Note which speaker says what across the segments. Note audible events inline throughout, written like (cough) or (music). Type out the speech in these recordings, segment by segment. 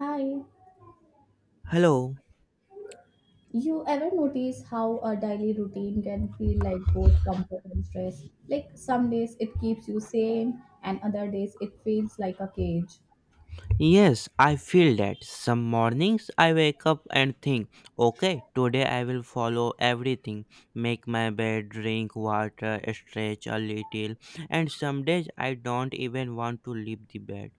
Speaker 1: Hi.
Speaker 2: Hello.
Speaker 1: You ever notice how a daily routine can feel like both comfort and stress? Like some days it keeps you sane, and other days it feels like a cage.
Speaker 2: Yes, I feel that. Some mornings I wake up and think, okay, today I will follow everything, make my bed, drink water, stretch a little, and some days I don't even want to leave the bed.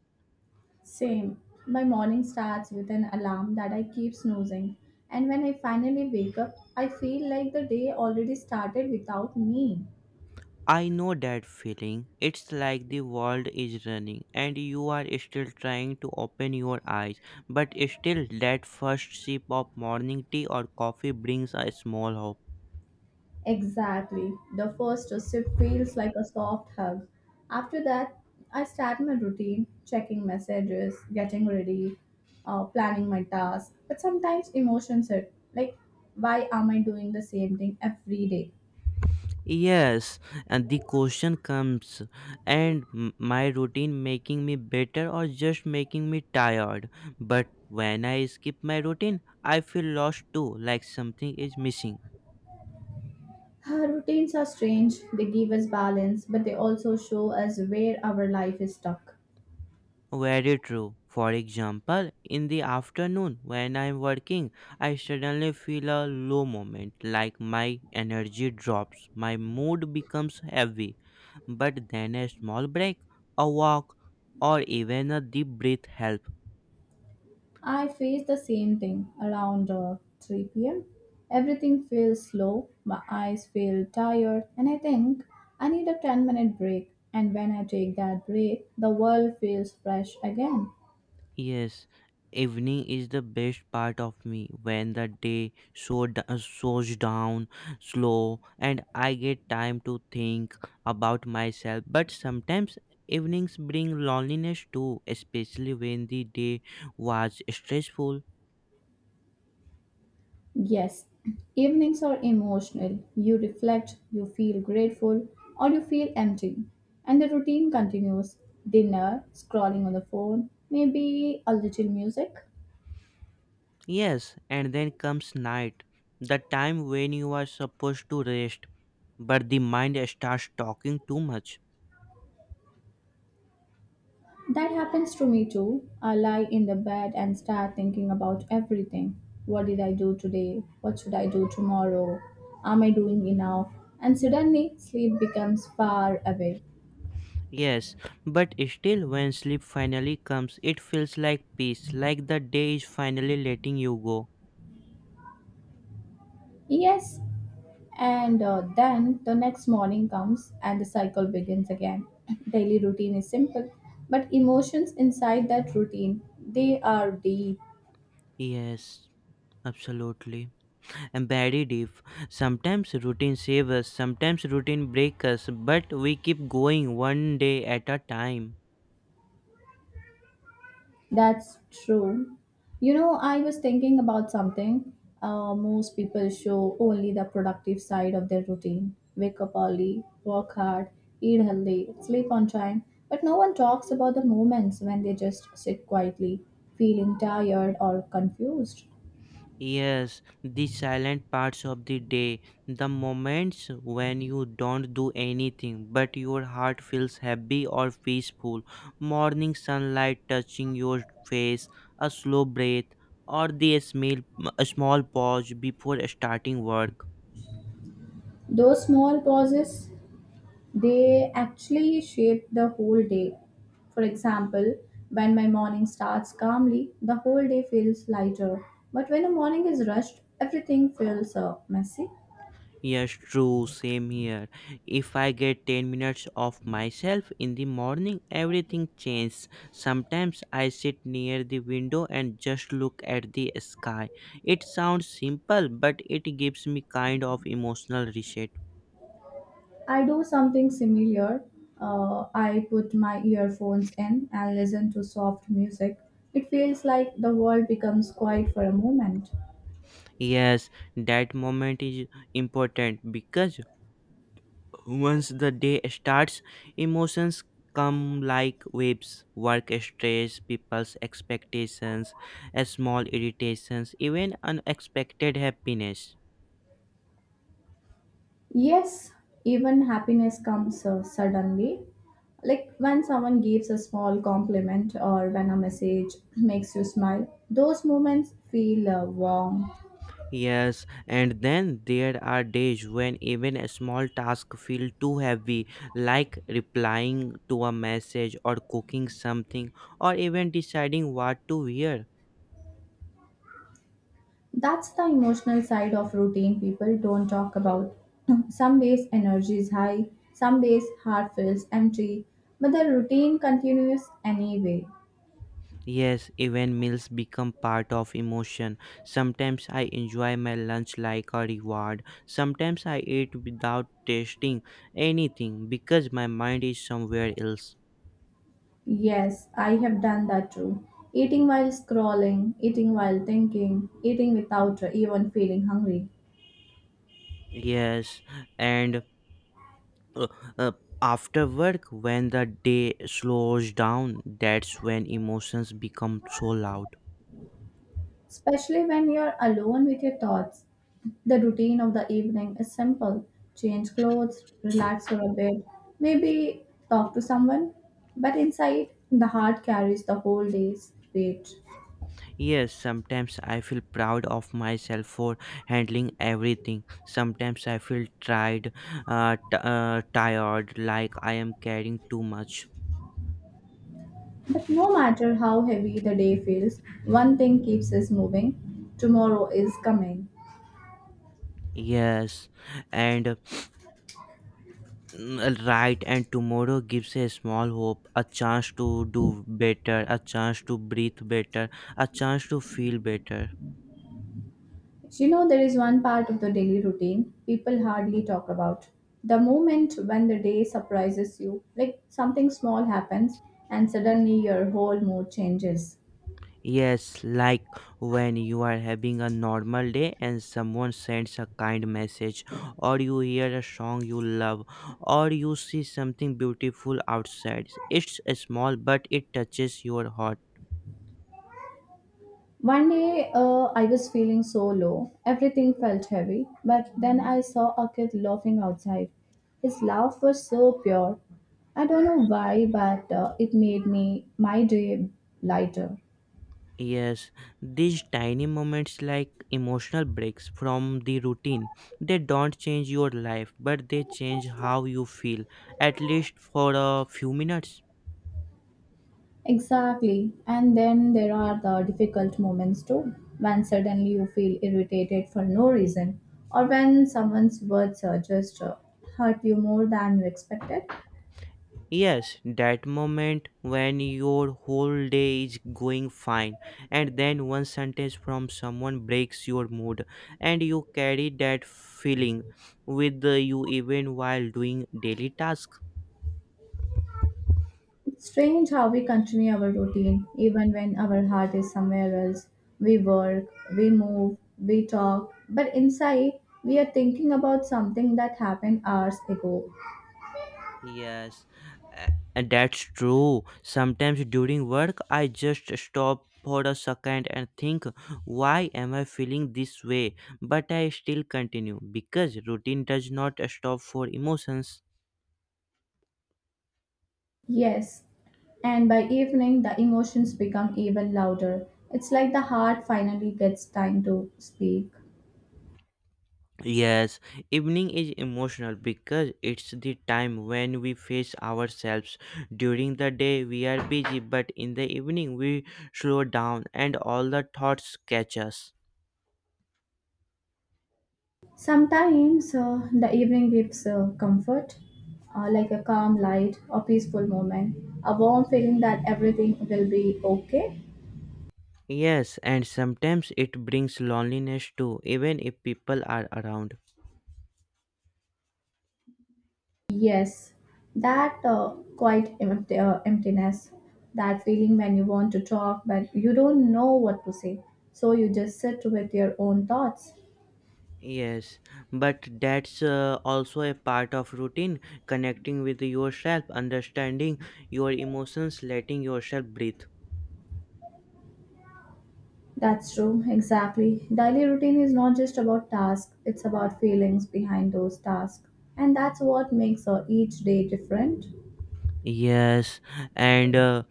Speaker 1: Same. My morning starts with an alarm that I keep snoozing, and when I finally wake up, I feel like the day already started without me.
Speaker 2: I know that feeling. It's like the world is running and you are still trying to open your eyes, but still, that first sip of morning tea or coffee brings a small hope.
Speaker 1: Exactly. The first sip feels like a soft hug. After that, I start my routine, checking messages, getting ready, planning my task. But sometimes emotions hit. Like, why am I doing the same thing every day?
Speaker 2: Yes, and the question comes, and my routine making me better or just making me tired? But when I skip my routine, I feel lost too, like something is missing.
Speaker 1: Our routines are strange. They give us balance, but they also show us where our life is stuck.
Speaker 2: Very true. For example, in the afternoon when I'm working, I suddenly feel a low moment, like my energy drops, my mood becomes heavy. But then a small break, a walk, or even a deep breath helps.
Speaker 1: I face the same thing around 3 pm. Everything feels slow, my eyes feel tired, and I think I need a 10-minute break. And when I take that break, the world feels fresh again.
Speaker 2: Yes, evening is the best part of me when the day slows down slow, and I get time to think about myself. But sometimes evenings bring loneliness too, especially when the day was stressful.
Speaker 1: Yes, evenings are emotional. You reflect, you feel grateful, or you feel empty. And the routine continues, dinner, scrolling on the phone, maybe a little music.
Speaker 2: Yes, and then comes night, the time when you are supposed to rest, but the mind starts talking too much.
Speaker 1: That happens to me too. I lie in the bed and start thinking about everything. What did I do today? What should I do tomorrow? Am I doing enough? And suddenly, sleep becomes far away.
Speaker 2: Yes, but still, when sleep finally comes, it feels like peace, like the day is finally letting you go.
Speaker 1: Yes, and then the next morning comes and the cycle begins again. (clears throat) Daily routine is simple, but emotions inside that routine, they are deep.
Speaker 2: Yes, absolutely. And very deep. Sometimes routine saves us, sometimes routine breaks us, but we keep going one day at a time.
Speaker 1: That's true. You know, I was thinking about something. Most people show only the productive side of their routine, wake up early, work hard, eat healthy, sleep on time. But no one talks about the moments when they just sit quietly, feeling tired or confused.
Speaker 2: Yes, the silent parts of the day, the moments when you don't do anything but your heart feels happy or peaceful, morning sunlight touching your face, a slow breath, or the smell, a small pause before starting work.
Speaker 1: Those small pauses, they actually shape the whole day. For example, when my morning starts calmly, the whole day feels lighter. But when the morning is rushed, everything feels messy.
Speaker 2: Yes, true, same here. If I get 10 minutes of myself in the morning, everything changes. Sometimes I sit near the window and just look at the sky. It sounds simple, but it gives me kind of emotional reset.
Speaker 1: I do something similar. I put my earphones in and listen to soft music. It feels like the world becomes quiet for a moment.
Speaker 2: Yes, that moment is important because once the day starts, emotions come like waves, work stress, people's expectations, a small irritations, even unexpected happiness.
Speaker 1: Yes, even happiness comes suddenly. Like when someone gives a small compliment or when a message (clears throat) makes you smile, those moments feel warm.
Speaker 2: Yes, and then there are days when even a small task feel too heavy, like replying to a message or cooking something or even deciding what to wear.
Speaker 1: That's the emotional side of routine people don't talk about. (clears throat) Some days energy is high, some days heart feels empty, but the routine continues anyway.
Speaker 2: Yes, even meals become part of emotion. Sometimes I enjoy my lunch like a reward. Sometimes I eat without tasting anything because my mind is somewhere else.
Speaker 1: Yes, I have done that too. Eating while scrolling, eating while thinking, eating without even feeling hungry.
Speaker 2: Yes, and uh, uh, after work, when the day slows down, that's when emotions become so loud.
Speaker 1: Especially when you're alone with your thoughts, the routine of the evening is simple, change clothes, relax for a bit, maybe talk to someone. But inside, the heart carries the whole day's weight.
Speaker 2: Yes, sometimes I feel proud of myself for handling everything. Sometimes I feel tired, tired, like I am carrying too much.
Speaker 1: But no matter how heavy the day feels, one thing keeps us moving, tomorrow is coming.
Speaker 2: Yes, and right, and tomorrow gives a small hope, a chance to do better, a chance to breathe better, a chance to feel better.
Speaker 1: You know, there is one part of the daily routine people hardly talk about. The moment when the day surprises you, like something small happens and suddenly your whole mood changes.
Speaker 2: Yes, like when you are having a normal day and someone sends a kind message, or you hear a song you love, or you see something beautiful outside. It's small, but it touches your heart.
Speaker 1: One day I was feeling so low, everything felt heavy, but then I saw a kid laughing outside. His laugh was so pure. I don't know why, but it made me my day lighter.
Speaker 2: Yes, these tiny moments, like emotional breaks from the routine, they don't change your life, but they change how you feel, at least for a few minutes.
Speaker 1: Exactly. And then there are the difficult moments too, when suddenly you feel irritated for no reason, or when someone's words just hurt you more than you expected.
Speaker 2: Yes, that moment when your whole day is going fine, and then one sentence from someone breaks your mood, and you carry that feeling with you even while doing daily tasks.
Speaker 1: It's strange how we continue our routine even when our heart is somewhere else. We work, we move, we talk, but inside we are thinking about something that happened hours ago.
Speaker 2: Yes, and that's true. Sometimes during work, I just stop for a second and think, why am I feeling this way? But I still continue because routine does not stop for emotions.
Speaker 1: Yes, and by evening the emotions become even louder. It's like the heart finally gets time to speak.
Speaker 2: Yes, evening is emotional because it's the time when we face ourselves. During the day, we are busy, but in the evening, we slow down and all the thoughts catch us.
Speaker 1: Sometimes the evening gives comfort, like a calm light, a peaceful moment, a warm feeling that everything will be okay.
Speaker 2: Yes, and sometimes it brings loneliness too, even if people are around.
Speaker 1: Yes, that quite empty, emptiness, that feeling when you want to talk but you don't know what to say, so you just sit with your own thoughts.
Speaker 2: Yes, but that's also a part of routine, connecting with yourself, understanding your emotions, letting yourself breathe.
Speaker 1: That's true, exactly. Daily routine is not just about tasks, it's about feelings behind those tasks. And that's what makes each day different.
Speaker 2: Yes, and uh,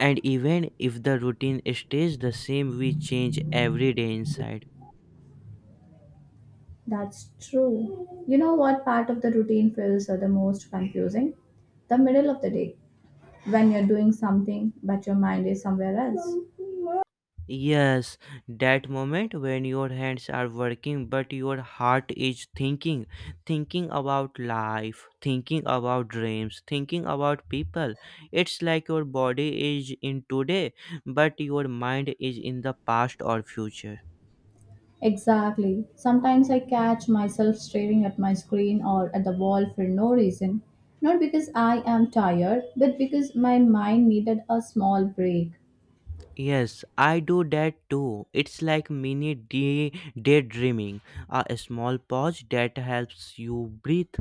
Speaker 2: and even if the routine stays the same, we change every day inside.
Speaker 1: That's true. You know what part of the routine feels the most confusing? The middle of the day, when you're doing something but your mind is somewhere else.
Speaker 2: Yes, that moment when your hands are working but your heart is thinking, thinking about life, thinking about dreams, thinking about people. It's like your body is in today but your mind is in the past or future.
Speaker 1: Exactly. Sometimes I catch myself staring at my screen or at the wall for no reason. Not because I am tired, but because my mind needed a small break.
Speaker 2: Yes, I do that too. It's like mini day daydreaming, a small pause that helps you breathe.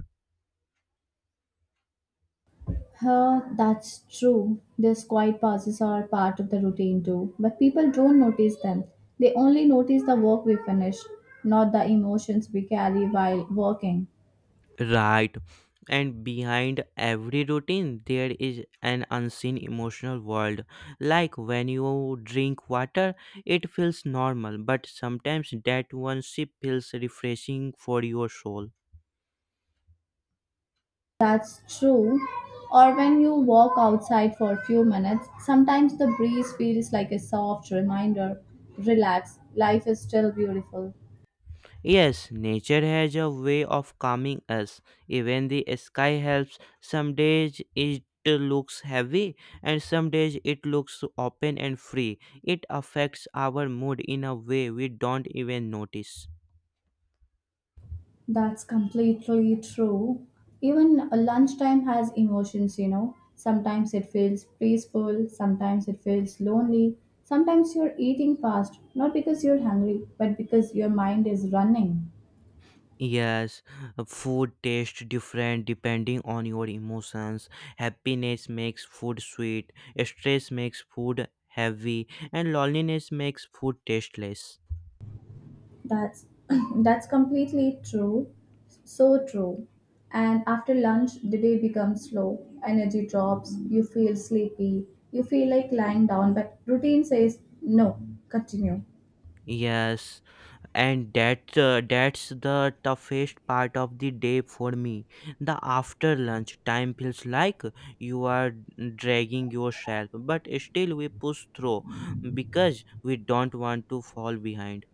Speaker 1: Huh, that's true. These quiet pauses are part of the routine too. But people don't notice them. They only notice the work we finish, not the emotions we carry while working.
Speaker 2: Right. And behind every routine, there is an unseen emotional world. Like when you drink water, it feels normal, but sometimes that one sip feels refreshing for your soul.
Speaker 1: That's true. Or when you walk outside for a few minutes, sometimes the breeze feels like a soft reminder. Relax, life is still beautiful.
Speaker 2: Yes, nature has a way of calming us. Even the sky helps. Some days it looks heavy, and some days it looks open and free. It affects our mood in a way we don't even notice.
Speaker 1: That's completely true. Even lunchtime has emotions, you know. Sometimes it feels peaceful, sometimes it feels lonely. Sometimes you're eating fast, not because you're hungry, but because your mind is running.
Speaker 2: Yes, food tastes different depending on your emotions. Happiness makes food sweet, stress makes food heavy, and loneliness makes food tasteless.
Speaker 1: That's (clears throat) That's completely true. So true. And after lunch, the day becomes slow. Energy drops, you feel sleepy, you feel like lying down, but routine says no, continue.
Speaker 2: Yes, and that's the toughest part of the day for me. The after lunch time feels like you are dragging yourself, but still we push through because we don't want to fall behind.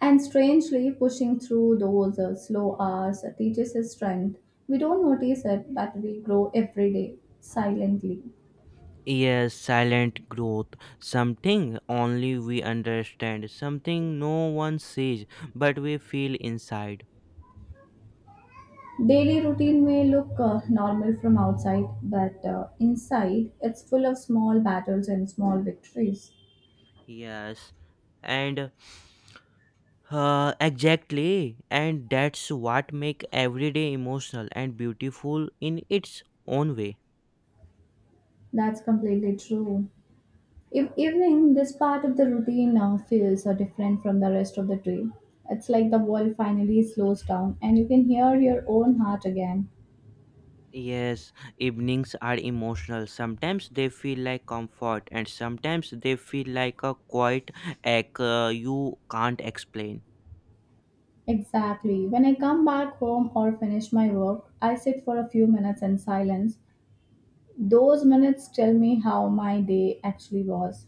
Speaker 1: And strangely, pushing through those slow hours teaches us strength. We don't notice it, but we grow every day, silently.
Speaker 2: Yes, silent growth. Something only we understand. Something no one says, but we feel inside.
Speaker 1: Daily routine may look normal from outside, but inside, it's full of small battles and small victories.
Speaker 2: Yes, and exactly, and that's what make every day emotional and beautiful in its own way.
Speaker 1: That's completely true. If evening, this part of the routine feels different from the rest of the day. It's like the world finally slows down and you can hear your own heart again.
Speaker 2: Yes, evenings are emotional. Sometimes they feel like comfort, and sometimes they feel like a quiet ache you can't explain.
Speaker 1: Exactly. When I come back home or finish my work, I sit for a few minutes in silence. Those minutes tell me how my day actually was.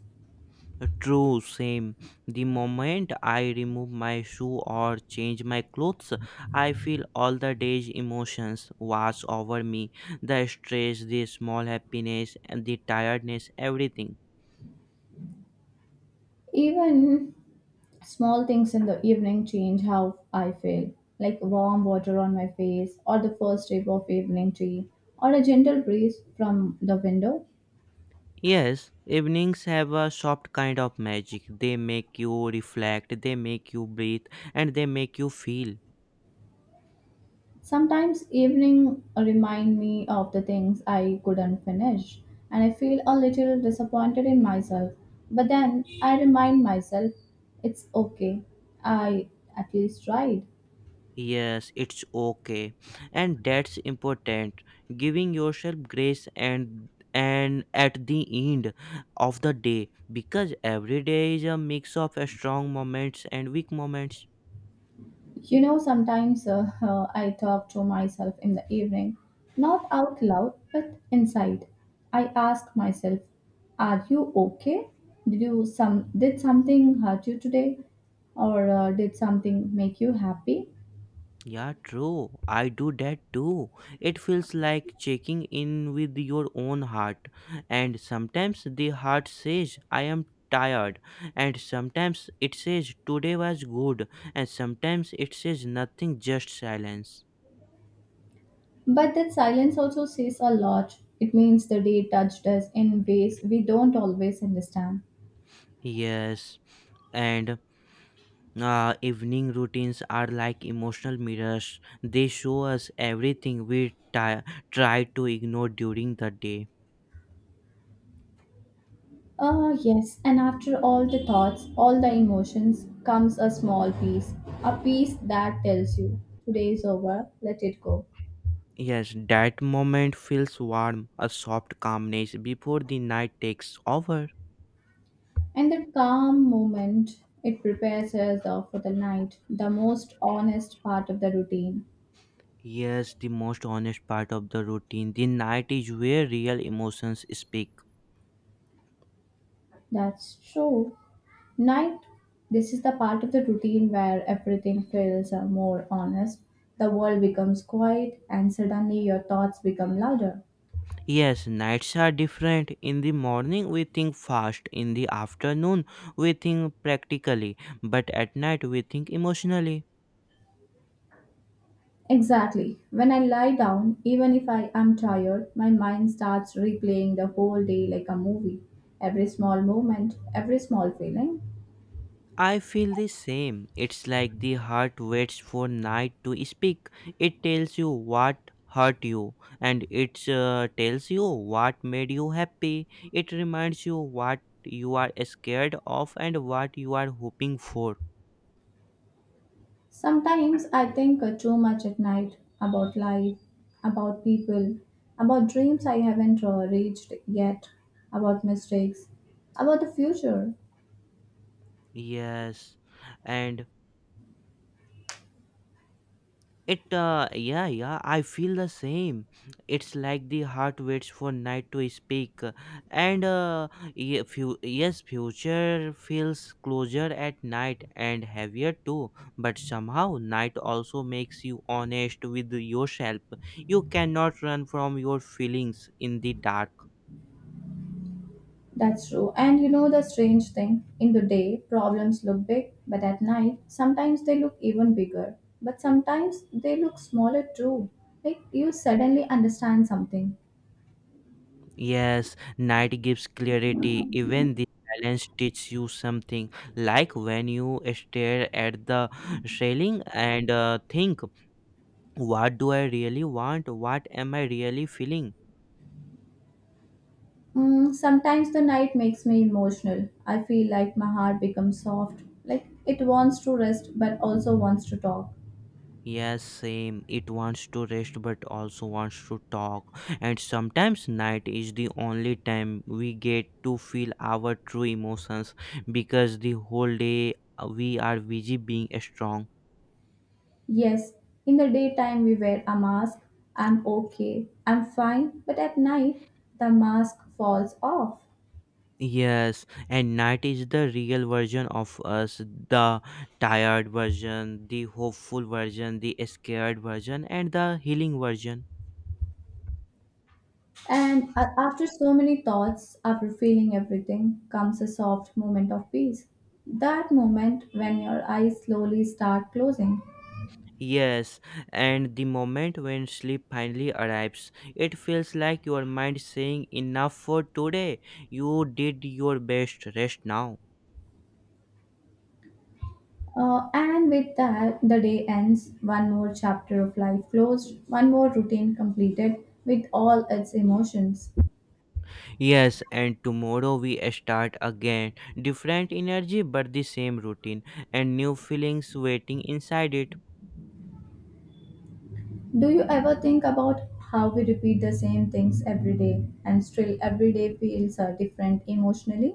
Speaker 2: True, same. The moment I remove my shoe or change my clothes, I feel all the day's emotions wash over me, the stress, the small happiness, and the tiredness, everything.
Speaker 1: Even small things in the evening change how I feel, like warm water on my face, or the first sip of evening tea, or a gentle breeze from the window.
Speaker 2: Yes, evenings have a soft kind of magic. They make you reflect, they make you breathe, and they make you feel.
Speaker 1: Sometimes evening remind me of the things I couldn't finish and I feel a little disappointed in myself. But then I remind myself, it's okay. I at least tried.
Speaker 2: Yes, it's okay. And that's important. Giving yourself grace and at the end of the day, because every day is a mix of strong moments and weak moments.
Speaker 1: You know, sometimes I talk to myself in the evening, not out loud, but inside. I ask myself, "Are you okay? Did you some did something hurt you today, or did something make you happy?"
Speaker 2: Yeah, true. I do that too. It feels like checking in with your own heart. And sometimes the heart says, I am tired. And sometimes it says, today was good. And sometimes it says, nothing, just silence.
Speaker 1: But that silence also says a lot. It means the day touched us in ways we don't always understand.
Speaker 2: Yes, and evening routines are like emotional mirrors. They show us everything we try to ignore during the day.
Speaker 1: Ah, yes, and after all the thoughts, all the emotions, comes a small piece, a piece that tells you, today is over, let it go.
Speaker 2: Yes, that moment feels warm, a soft calmness before the night takes over.
Speaker 1: And that calm moment, it prepares us for the night, the most honest part of the routine.
Speaker 2: Yes, the most honest part of the routine. The night is where real emotions speak.
Speaker 1: That's true. Night, this is the part of the routine where everything feels more honest. The world becomes quiet and suddenly your thoughts become louder.
Speaker 2: Yes, nights are different. In the morning, we think fast. In the afternoon, we think practically. But at night, we think emotionally.
Speaker 1: Exactly. When I lie down, even if I am tired, my mind starts replaying the whole day like a movie. Every small moment, every small feeling.
Speaker 2: I feel the same. It's like the heart waits for night to speak. It tells you what hurt you, and it tells you what made you happy. It reminds you what you are scared of and what you are hoping for.
Speaker 1: Sometimes I think too much at night, about life, about people, about dreams I haven't reached yet, about mistakes, about the future.
Speaker 2: Yes, and I feel the same. It's like the heart waits for night to speak, and yes, future feels closer at night and heavier too. But somehow, night also makes you honest with yourself. You cannot run from your feelings in the dark.
Speaker 1: That's true. And you know the strange thing? In the day, problems look big, but at night, sometimes they look even bigger. But sometimes they look smaller too. Like you suddenly understand something.
Speaker 2: Yes, night gives clarity. Even the silence teaches you something. Like when you stare at the ceiling and think, what do I really want? What am I really feeling?
Speaker 1: Mm, sometimes the night makes me emotional. I feel like my heart becomes soft. Like it wants to rest, but also wants to talk.
Speaker 2: Yes, same. It wants to rest but also wants to talk. And sometimes night is the only time we get to feel our true emotions because the whole day we are busy being strong.
Speaker 1: Yes, in the daytime, we wear a mask. I'm okay. I'm fine. But at night, the mask falls off.
Speaker 2: Yes, and night is the real version of us, the tired version, the hopeful version, the scared version, and the healing version.
Speaker 1: And after so many thoughts, after feeling everything, comes a soft moment of peace. That moment when your eyes slowly start closing.
Speaker 2: Yes, and the moment when sleep finally arrives, it feels like your mind saying, enough for today. You did your best, rest now.
Speaker 1: And with that, the day ends, one more chapter of life closed, one more routine completed with all its emotions.
Speaker 2: Yes, and tomorrow we start again. Different energy, but the same routine, and new feelings waiting inside it.
Speaker 1: Do you ever think about how we repeat the same things every day and still every day feels different emotionally?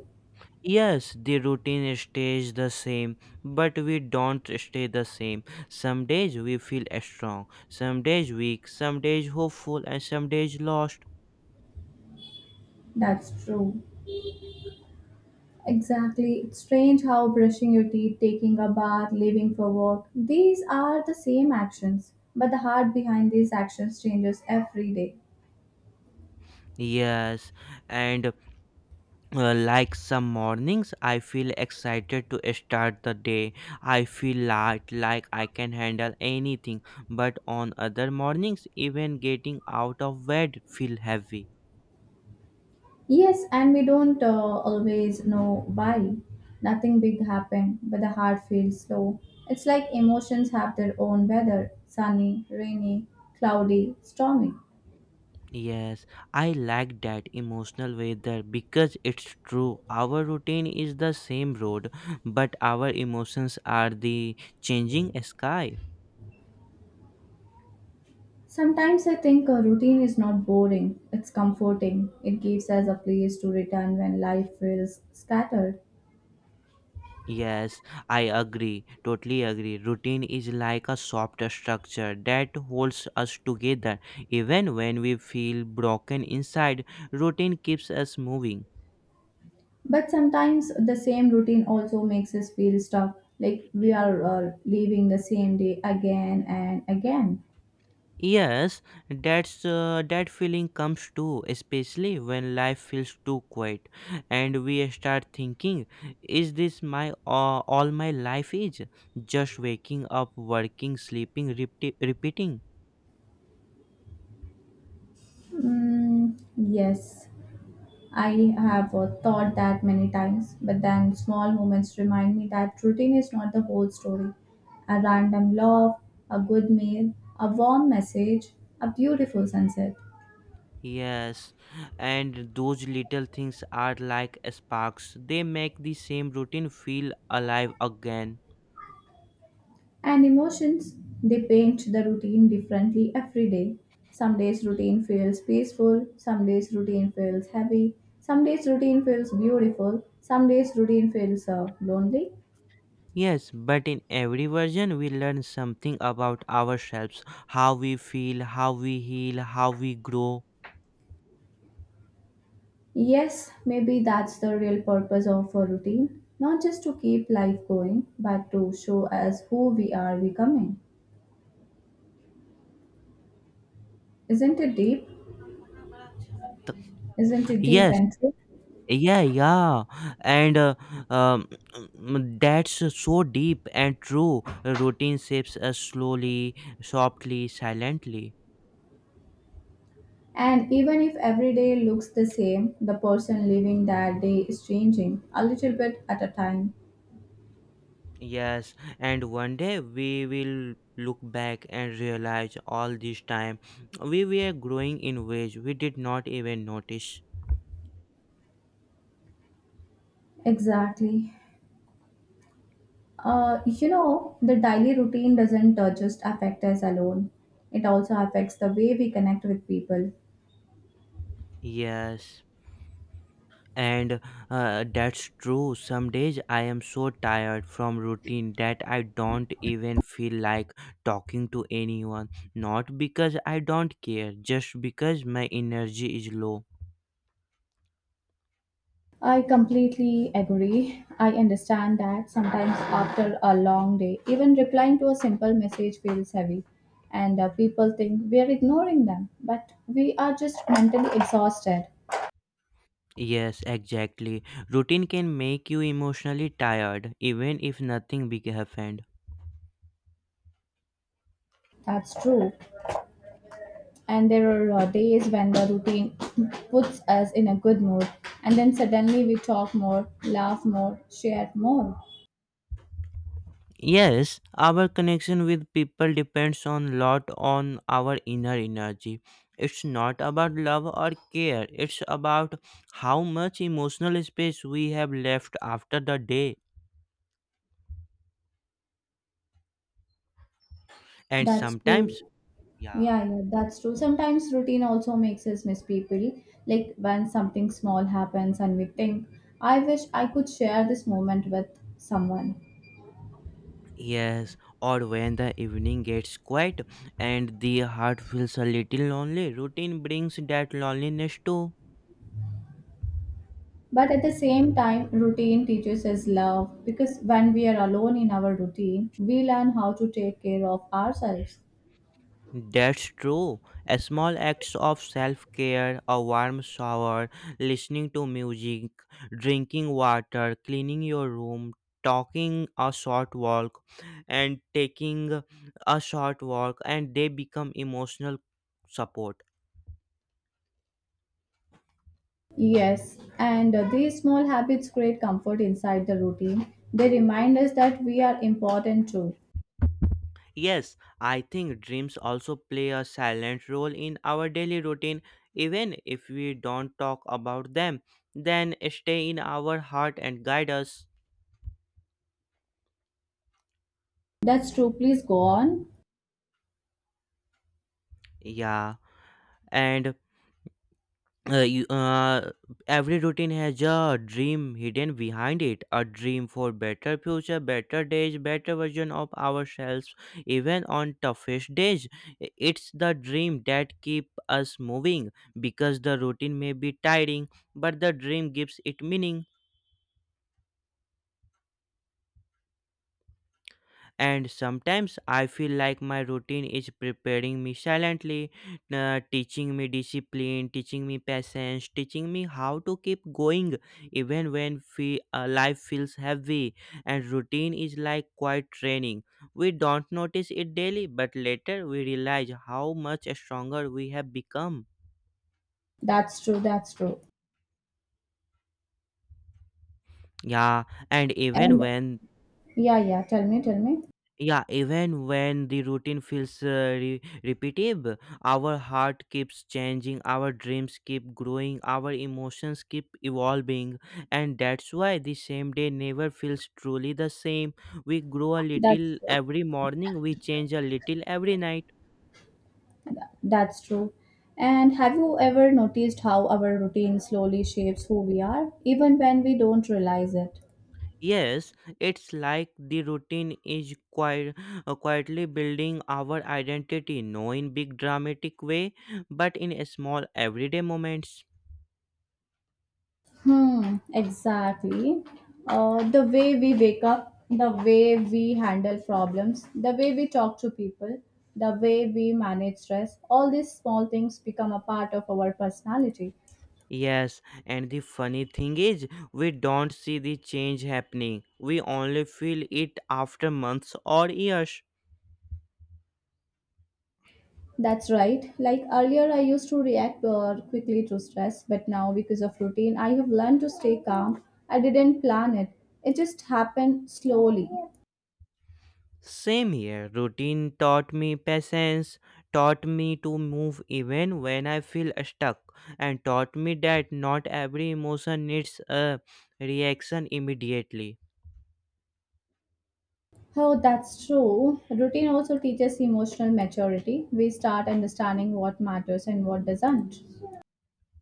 Speaker 2: Yes, the routine stays the same, but we don't stay the same. Some days we feel strong, some days weak, some days hopeful, and some days lost.
Speaker 1: That's true. Exactly. It's strange how brushing your teeth, taking a bath, leaving for work, these are the same actions, but the heart behind these actions changes every day.
Speaker 2: Yes, and like some mornings, I feel excited to start the day. I feel light, like I can handle anything. But on other mornings, even getting out of bed feel heavy.
Speaker 1: Yes, and we don't always know why. Nothing big happened, but the heart feels slow. It's like emotions have their own weather, sunny, rainy, cloudy, stormy.
Speaker 2: Yes, I like that emotional weather because it's true. Our routine is the same road, but our emotions are the changing sky.
Speaker 1: Sometimes I think a routine is not boring, it's comforting. It gives us a place to return when life feels scattered.
Speaker 2: Yes, I agree. Totally agree. Routine is like a soft structure that holds us together. Even when we feel broken inside, routine keeps us moving.
Speaker 1: But sometimes the same routine also makes us feel stuck, like we are leaving the same day again and again.
Speaker 2: Yes, that feeling comes too, especially when life feels too quiet, and we start thinking, "Is this my all my life is? Just waking up, working, sleeping, repeating."
Speaker 1: Mm, yes, I have thought that many times, but then small moments remind me that routine is not the whole story. A random love, a good meal, a warm message, a beautiful sunset.
Speaker 2: Yes, and those little things are like sparks. They make the same routine feel alive again.
Speaker 1: And emotions, they paint the routine differently every day. Some days routine feels peaceful, some days routine feels heavy, some days routine feels beautiful, some days routine feels lonely.
Speaker 2: Yes, but in every version, we learn something about ourselves, how we feel, how we heal, how we grow.
Speaker 1: Yes, maybe that's the real purpose of a routine, not just to keep life going, but to show us who we are becoming. Isn't it deep? Isn't it deep
Speaker 2: Yes,
Speaker 1: and true?
Speaker 2: yeah, yeah, and uh, um, that's so deep and true. Routine shapes us slowly, softly, silently.
Speaker 1: And even if every day looks the same, the person living that day is changing a little bit at a time.
Speaker 2: Yes, and one day we will look back and realize all this time we were growing in ways we did not even notice.
Speaker 1: Exactly. You know, the daily routine doesn't just affect us alone, it also affects the way we connect with people.
Speaker 2: Yes. And That's true. Some days I am so tired from routine that I don't even feel like talking to anyone. Not because I don't care, just because my energy is low.
Speaker 1: I completely agree. I understand that sometimes after a long day, even replying to a simple message feels heavy, and people think we are ignoring them, but we are just mentally exhausted.
Speaker 2: Yes, exactly. Routine can make you emotionally tired, even if nothing big happened.
Speaker 1: That's true. And there are days when the routine (clears throat) puts us in a good mood, and then suddenly we talk more, laugh more, share more.
Speaker 2: Yes, our connection with people depends on lot on our inner energy. It's not about love or care. It's about how much emotional space we have left after the day. And
Speaker 1: That's
Speaker 2: sometimes,
Speaker 1: true.
Speaker 2: yeah.
Speaker 1: Yeah, yeah, that's true. Sometimes routine also makes us miss people, like when something small happens and we think, I wish I could share this moment with someone.
Speaker 2: Yes, or when the evening gets quiet and the heart feels a little lonely, routine brings that loneliness too.
Speaker 1: But at the same time, routine teaches us love, because when we are alone in our routine we learn how to take care of ourselves.
Speaker 2: That's true. A small acts of self care, a warm shower, listening to music, drinking water, cleaning your room, talking a short walk, and taking a short walk, and they become emotional support.
Speaker 1: Yes, and these small habits create comfort inside the routine. They remind us that we are important too.
Speaker 2: Yes, I think dreams also play a silent role in our daily routine, even if we don't talk about them, then stay in our heart and guide us.
Speaker 1: That's true. Please go on.
Speaker 2: Yeah, and uh, you, uh, every routine has a dream hidden behind it, a dream for better future, better days, better version of ourselves, even on toughest days, it's the dream that keep us moving, because the routine may be tiring but the dream gives it meaning. And sometimes I feel like my routine is preparing me silently, teaching me discipline, teaching me patience, teaching me how to keep going even when life feels heavy. And routine is like quiet training. We don't notice it daily, but later we realize how much stronger we have become.
Speaker 1: That's true. That's true.
Speaker 2: Yeah, and even
Speaker 1: And
Speaker 2: when
Speaker 1: yeah, yeah, tell me, tell me.
Speaker 2: Yeah, even when the routine feels repetitive, our heart keeps changing, our dreams keep growing, our emotions keep evolving, and that's why the same day never feels truly the same. We grow a
Speaker 1: That's
Speaker 2: little
Speaker 1: true.
Speaker 2: every morning, we change a little every night.
Speaker 1: That's true. And have you ever noticed how our routine slowly shapes who we are, even when we don't realize it?
Speaker 2: Yes, it's like the routine is quiet, quietly building our identity, not in big dramatic way, but in small everyday moments.
Speaker 1: Hmm, exactly. The way we wake up, the way we handle problems, the way we talk to people, the way we manage stress, all these small things become a part of our personality.
Speaker 2: Yes, and the funny thing is, we don't see the change happening. We only feel it after months or years.
Speaker 1: That's right. Like earlier, I used to react quickly to stress, but now because of routine, I have learned to stay calm. I didn't plan it, it just happened slowly.
Speaker 2: Same here, routine taught me patience, taught me to move even when I feel stuck, and taught me that not every emotion needs a reaction immediately.
Speaker 1: Oh, that's true. Routine also teaches emotional maturity. We start understanding what matters and what doesn't.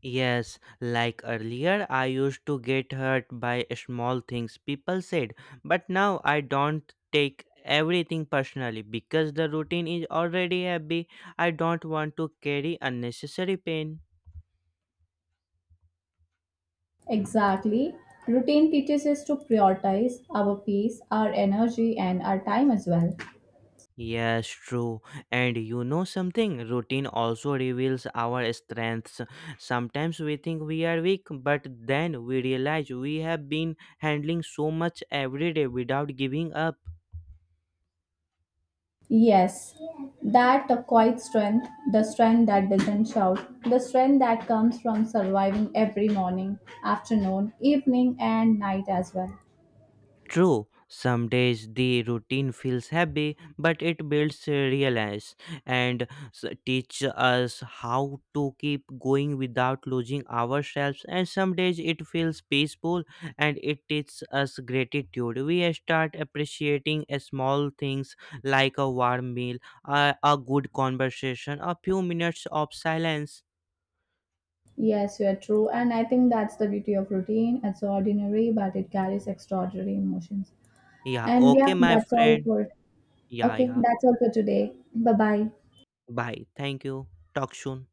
Speaker 2: Yes, like earlier, I used to get hurt by small things people said, but now I don't take everything personally because the routine is already heavy. I don't want to carry unnecessary pain.
Speaker 1: Exactly. Routine teaches us to prioritize our peace, our energy, and our time as well.
Speaker 2: Yes, true. And you know something? Routine also reveals our strengths. Sometimes we think we are weak, but then we realize we have been handling so much every day without giving up.
Speaker 1: Yes, that quiet strength, the strength that doesn't shout, the strength that comes from surviving every morning, afternoon, evening, and night as well.
Speaker 2: True, some days the routine feels heavy, but it builds reliance and teach us how to keep going without losing ourselves. And some days it feels peaceful and it teaches us gratitude. We start appreciating a small things like a warm meal, a good conversation, a few minutes of silence.
Speaker 1: Yes, you're true. And I think that's the beauty of routine. It's ordinary, but it carries extraordinary emotions.
Speaker 2: Yeah,
Speaker 1: And yeah,
Speaker 2: okay, my
Speaker 1: that's all
Speaker 2: friend.
Speaker 1: for
Speaker 2: Yeah,
Speaker 1: Okay,
Speaker 2: yeah.
Speaker 1: that's all for today. Bye bye.
Speaker 2: Bye. Thank you. Talk soon.